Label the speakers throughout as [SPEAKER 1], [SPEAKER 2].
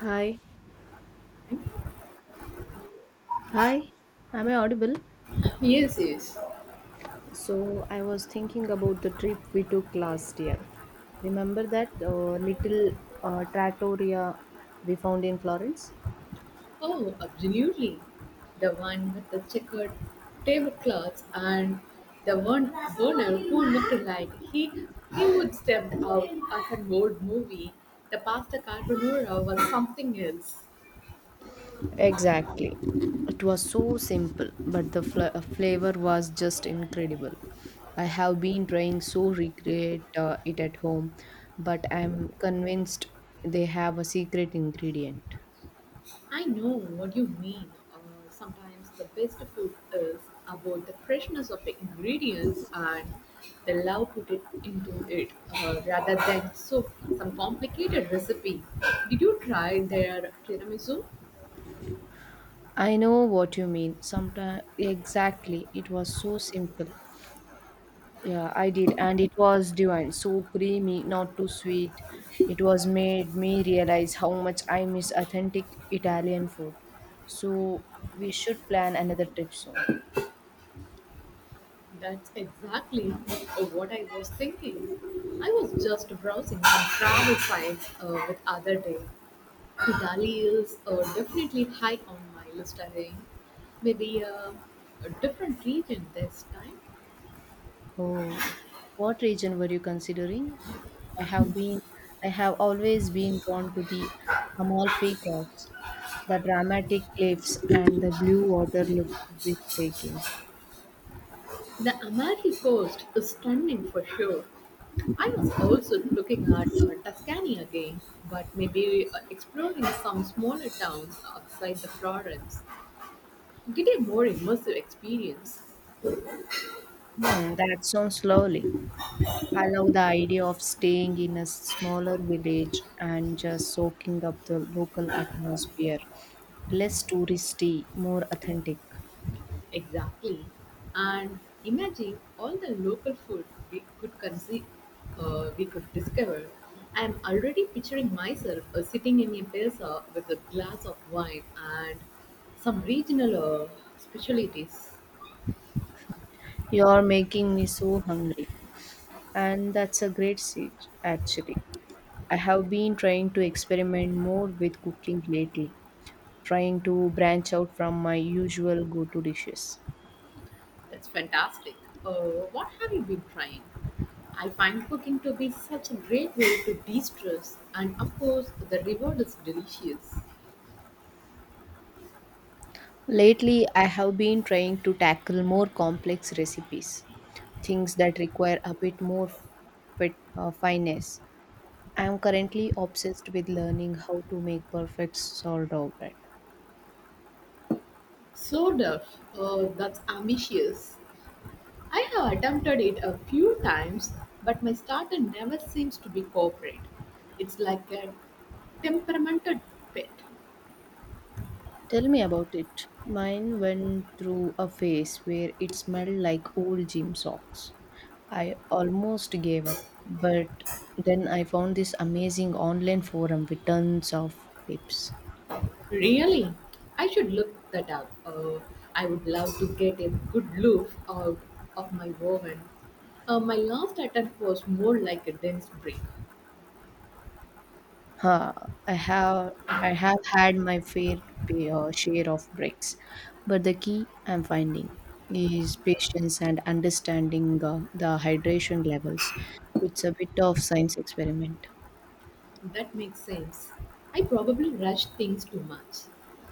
[SPEAKER 1] Hi, hi, am I audible?
[SPEAKER 2] Yes, yes.
[SPEAKER 1] So, I was thinking about the trip we took last year. Remember that little trattoria we found in Florence?
[SPEAKER 2] Oh, absolutely. The one with the checkered tablecloths and the one burner who looked like he would step out of an old movie. The pasta carbonara was something else.
[SPEAKER 1] Exactly. It was so simple, but the flavor was just incredible. I have been trying so recreate it at home, but I'm convinced they have a secret ingredient.
[SPEAKER 2] I know what you mean. Sometimes the best food is about the freshness of the ingredients and the love put it into it, rather than some complicated recipe. Did you try their tiramisu?
[SPEAKER 1] I know what you mean. Sometimes, exactly, it was so simple. Yeah, I did, and it was divine. So creamy, not too sweet. It was made me realize how much I miss authentic Italian food. So we should plan another trip soon.
[SPEAKER 2] That's exactly what I was thinking. I was just browsing some travel sites with other day. Italy is definitely high on my list again. Maybe a different region this time.
[SPEAKER 1] Oh, what region were you considering? I have been, I have always been drawn to the Amalfi Coast. The dramatic cliffs and the blue water look breathtaking.
[SPEAKER 2] The Amalfi Coast is stunning for sure. I was also looking at Tuscany again, but maybe exploring some smaller towns outside the Florence to get a more immersive experience.
[SPEAKER 1] Hmm, that sounds lovely. I love the idea of staying in a smaller village and just soaking up the local atmosphere. Less touristy, more authentic.
[SPEAKER 2] Exactly. And imagine all the local food we could we could discover. I am already picturing myself sitting in a plaza with a glass of wine and some regional, uh, specialties.
[SPEAKER 1] You're making me so hungry. And that's a great seed, actually. I have been trying to experiment more with cooking lately, trying to branch out from my usual go to dishes.
[SPEAKER 2] That's fantastic. What have you been trying? I find cooking to be such a great way to de-stress, and of course, the reward is delicious.
[SPEAKER 1] Lately, I have been trying to tackle more complex recipes, things that require a bit more finesse. I am currently obsessed with learning how to make perfect sourdough bread.
[SPEAKER 2] So, Duff, that's ambitious. I have attempted it a few times, but my starter never seems to be cooperate. It's like a temperamented pet.
[SPEAKER 1] Tell me about it. Mine went through a phase where it smelled like old gym socks. I almost gave up, but then I found this amazing online forum with tons of tips.
[SPEAKER 2] Really? I should look that up. I would love to get a good look out of my oven. My last attempt was more like a dense brick.
[SPEAKER 1] Huh, I have I have had my fair share of breaks, but the key I'm finding is patience and understanding the hydration levels. It's a bit of science experiment.
[SPEAKER 2] That makes sense. I probably rush things too much.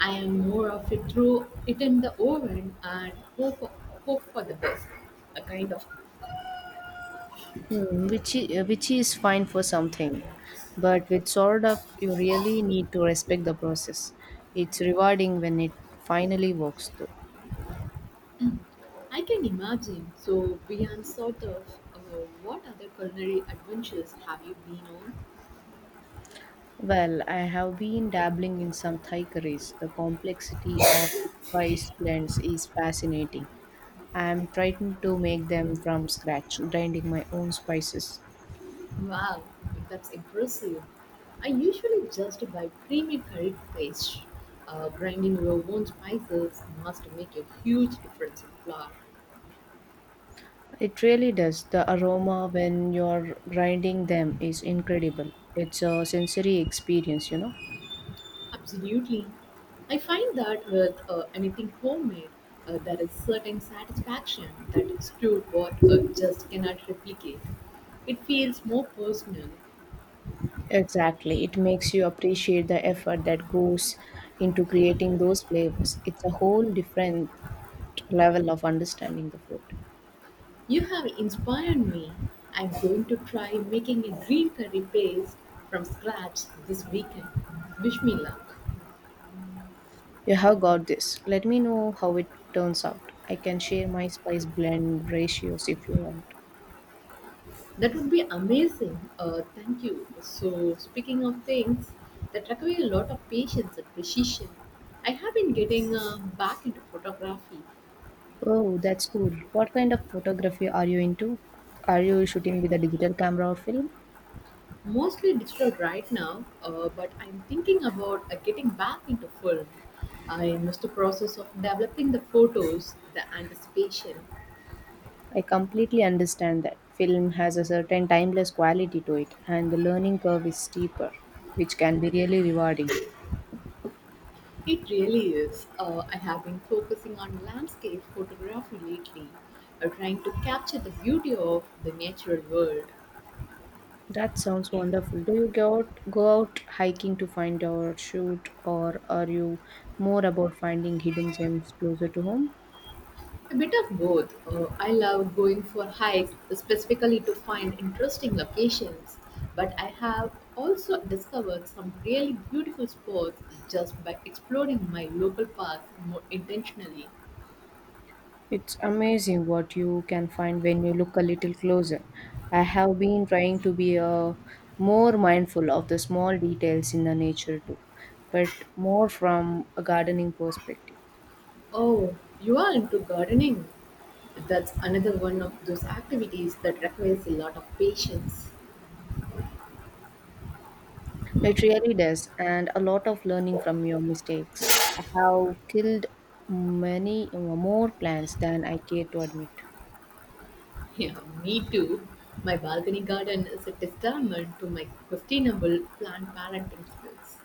[SPEAKER 2] I am more of a throw it in the oven and hope for the best, a kind of
[SPEAKER 1] Hmm, which is fine for something, but with sort of you really need to respect the process. It's rewarding when it finally works, though.
[SPEAKER 2] I can imagine. So, beyond sort of, uh, what other culinary adventures have you been on?
[SPEAKER 1] Well, I have been dabbling in some Thai curries. The complexity of spice blends is fascinating. I am trying to make them from scratch, grinding my own spices.
[SPEAKER 2] Wow, that's impressive. I usually just buy creamy curry paste. Grinding your own spices must make a huge difference in flour.
[SPEAKER 1] It really does. The aroma when you're grinding them is incredible. It's a sensory experience, you know.
[SPEAKER 2] Absolutely. I find that with anything homemade, there is certain satisfaction that store bought, just cannot replicate. It feels more personal.
[SPEAKER 1] Exactly. It makes you appreciate the effort that goes into creating those flavors. It's a whole different level of understanding the food.
[SPEAKER 2] You have inspired me. I'm going to try making a green curry paste from scratch this weekend. Wish me luck.
[SPEAKER 1] You have got this. Let me know how it turns out. I can share my spice blend ratios if you want.
[SPEAKER 2] That would be amazing. Thank you. So, speaking of things that require a lot of patience and precision, I have been getting back into photography,
[SPEAKER 1] Oh, that's cool. What kind of photography are you into? Are you shooting with a digital camera or film?
[SPEAKER 2] mostly digital right now, but I'm thinking about getting back into film. I miss the process of developing the photos, the anticipation,
[SPEAKER 1] I completely understand that. Film has a certain timeless quality to it, and the learning curve is steeper, which can be really rewarding.
[SPEAKER 2] it really is. I have been focusing on landscape photography lately, trying to capture the beauty of the natural world.
[SPEAKER 1] That sounds wonderful. Do you go out hiking to find or shoot, or are you more about finding hidden gems closer to home?
[SPEAKER 2] A bit of both. I love going for hikes, specifically to find interesting locations, but I have also discovered some really beautiful spots just by exploring my local parks more intentionally.
[SPEAKER 1] It's amazing what you can find when you look a little closer. I have been trying to be a more mindful of the small details in the nature too, but more from a gardening perspective.
[SPEAKER 2] Oh, you are into gardening? That's another one of those activities that requires a lot of patience.
[SPEAKER 1] It really does, and a lot of learning from your mistakes. I have killed many more plants than I care to admit.
[SPEAKER 2] Yeah, me too. My balcony garden is a testament to my questionable plant parenting skills.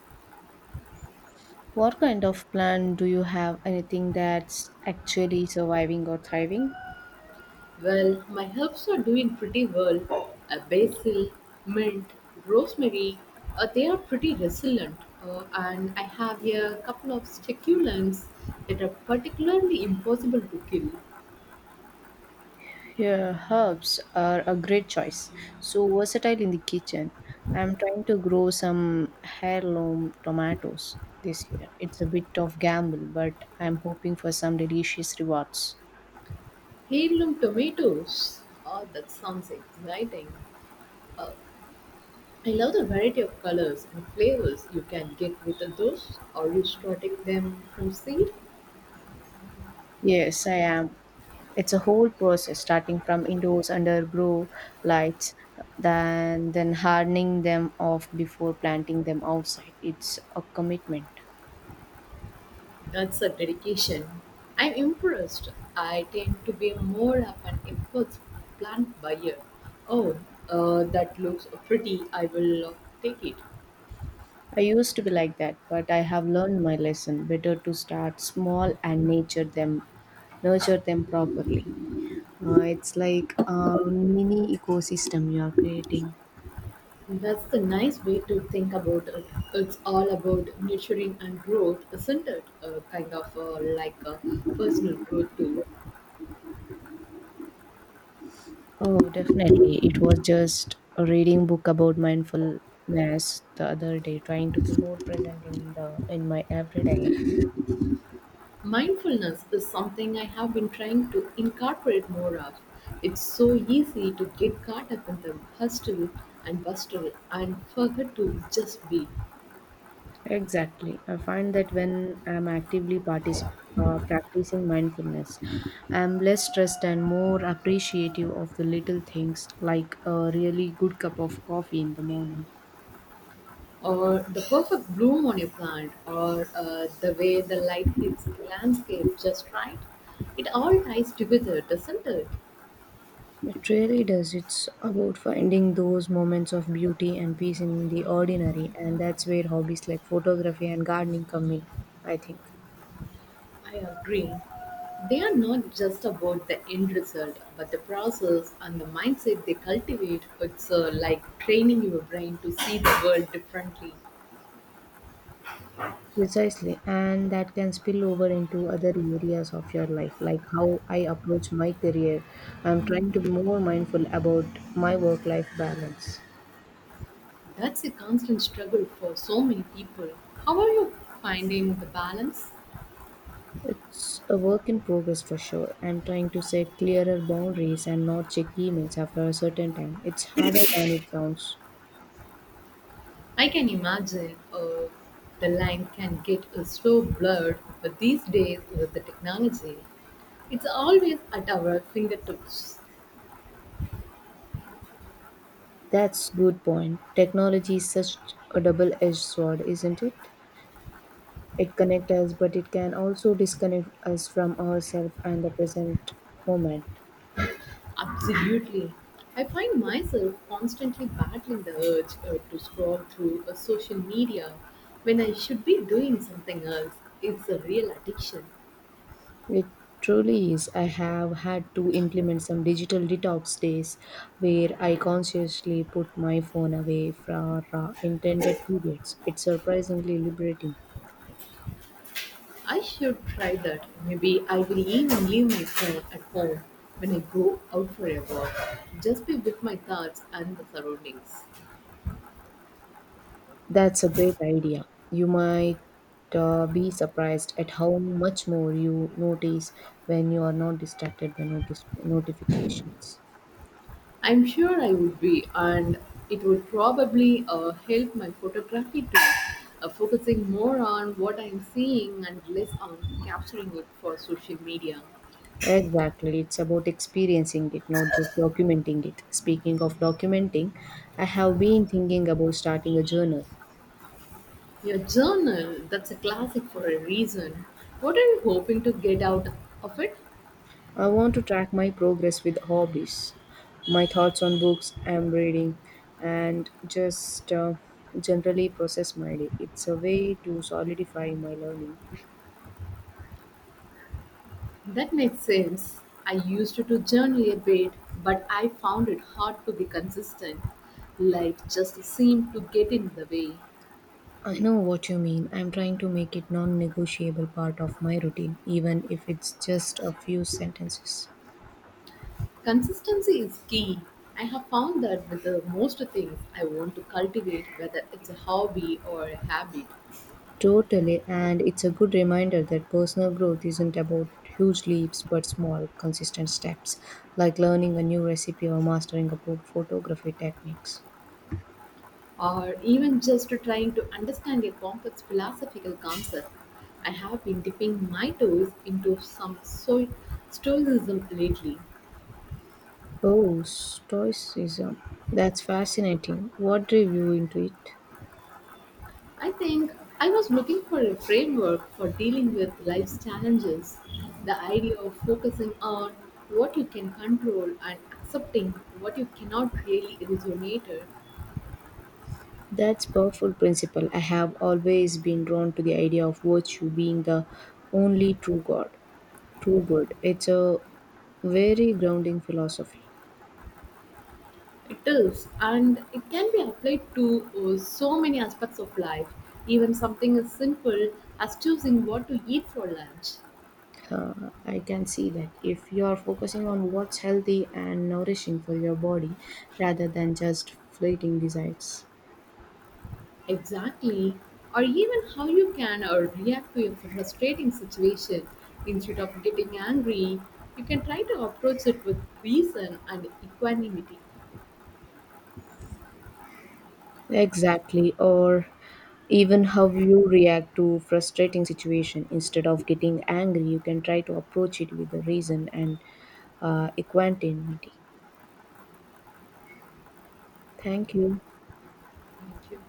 [SPEAKER 1] What kind of plant do you have? Anything that's actually surviving or thriving?
[SPEAKER 2] Well, my herbs are doing pretty well. A basil, mint, rosemary, they are pretty resilient. And I have a couple of succulents that are particularly impossible to kill.
[SPEAKER 1] Yeah, herbs are a great choice. So versatile in the kitchen. I'm trying to grow some heirloom tomatoes this year. It's a bit of gamble, but I'm hoping for some delicious rewards.
[SPEAKER 2] Heirloom tomatoes. Oh, that sounds exciting. Uh, I love the variety of colors and flavors you can get with those. Are you starting them from seed?
[SPEAKER 1] Yes, I am. It's a whole process starting from indoors under grow lights, then hardening them off before planting them outside. It's a commitment.
[SPEAKER 2] That's a dedication. I'm impressed. I tend to be more of an impulse plant buyer. Oh, that looks pretty. I will take it.
[SPEAKER 1] I used to be like that, but I have learned my lesson. Better to start small and nurture them properly. It's like a mini ecosystem you are creating.
[SPEAKER 2] That's the nice way to think about it. It's all about nurturing and growth, isn't it? Kind of like a personal growth too.
[SPEAKER 1] Oh, definitely. It was just a reading book about mindfulness the other day, trying to be more present in the in my everyday life.
[SPEAKER 2] Mindfulness is something I have been trying to incorporate more of. It's so easy to get caught up in the hustle and bustle and forget to just be,
[SPEAKER 1] Exactly. I find that when I'm practicing mindfulness, I'm less stressed and more appreciative of the little things, like a really good cup of coffee in the morning.
[SPEAKER 2] or the perfect bloom on a plant, or the way the light hits the landscape just right. It all ties together, doesn't it?
[SPEAKER 1] It really does. It's about finding those moments of beauty and peace in the ordinary, and that's where hobbies like photography and gardening come in, I think.
[SPEAKER 2] I agree. They are not just about the end result, but the process and the mindset they cultivate. It's like training your brain to see the world differently.
[SPEAKER 1] Precisely, and that can spill over into other areas of your life, like how I approach my career. I'm trying to be more mindful about my work life balance.
[SPEAKER 2] That's a constant struggle for so many people. How are you finding the balance?
[SPEAKER 1] It's a work in progress for sure. I'm trying to set clearer boundaries and not check emails after a certain time. It's harder than it sounds.
[SPEAKER 2] I can imagine, the line can get, so blurred but these days with the technology. It's always at our fingertips.
[SPEAKER 1] That's good point. Technology is such a double-edged sword, isn't it? It connects us, but it can also disconnect us from ourselves and the present moment.
[SPEAKER 2] Absolutely. I find myself constantly battling the urge to scroll through social media when I should be doing something else. It's a real addiction.
[SPEAKER 1] It truly is. I have had to implement some digital detox days where I consciously put my phone away for intended periods. It's surprisingly liberating.
[SPEAKER 2] I should try that. Maybe I will even leave my phone at home when I go out for a walk. Just be with my thoughts and the surroundings.
[SPEAKER 1] That's a great idea. You might be surprised at how much more you notice when you are not distracted by notice notifications.
[SPEAKER 2] I'm sure I would be, and it would probably help my photography too, focusing more on what I'm seeing and less on capturing it for social media.
[SPEAKER 1] Exactly. It's about experiencing it, not just documenting it. Speaking of documenting, I have been thinking about starting a journal.
[SPEAKER 2] Your journal, that's a classic for a reason. What are you hoping to get out of it?
[SPEAKER 1] I want to track my progress with hobbies, my thoughts on books I'm reading, and just generally process my day. It's a way to solidify my learning.
[SPEAKER 2] That makes sense. I used to journal a bit, but I found it hard to be consistent. Life just seemed to get in the way.
[SPEAKER 1] I know what you mean. I'm trying to make it non negotiable part of my routine, even if it's just a few sentences.
[SPEAKER 2] Consistency is key. I have found that with the most things I want to cultivate, whether it's a hobby or a habit,
[SPEAKER 1] Totally, and it's a good reminder that personal growth isn't about huge leaps but small, consistent steps, like learning a new recipe or mastering about photography techniques.
[SPEAKER 2] or even just trying to understand a complex philosophical concept, I have been dipping my toes into stoicism lately.
[SPEAKER 1] Oh, Stoicism. That's fascinating. What drew you into it?
[SPEAKER 2] I think I was looking for a framework for dealing with life's challenges. The idea of focusing on what you can control and accepting what you cannot really resonate.
[SPEAKER 1] That's powerful principle. I have always been drawn to the idea of virtue being the only true God, true good. It's a very grounding philosophy.
[SPEAKER 2] It is, and it can be applied to, so many aspects of life, even something as simple as choosing what to eat for lunch.
[SPEAKER 1] I can see that if you are focusing on what's healthy and nourishing for your body rather than just fleeting desires.
[SPEAKER 2] Exactly, or even how you can react to a frustrating situation. Instead of getting angry, you can try to approach it with reason and equanimity.
[SPEAKER 1] Exactly, or even how you react to frustrating situation. Instead of getting angry, you can try to approach it with a reason and equanimity. Thank you.
[SPEAKER 2] Thank you.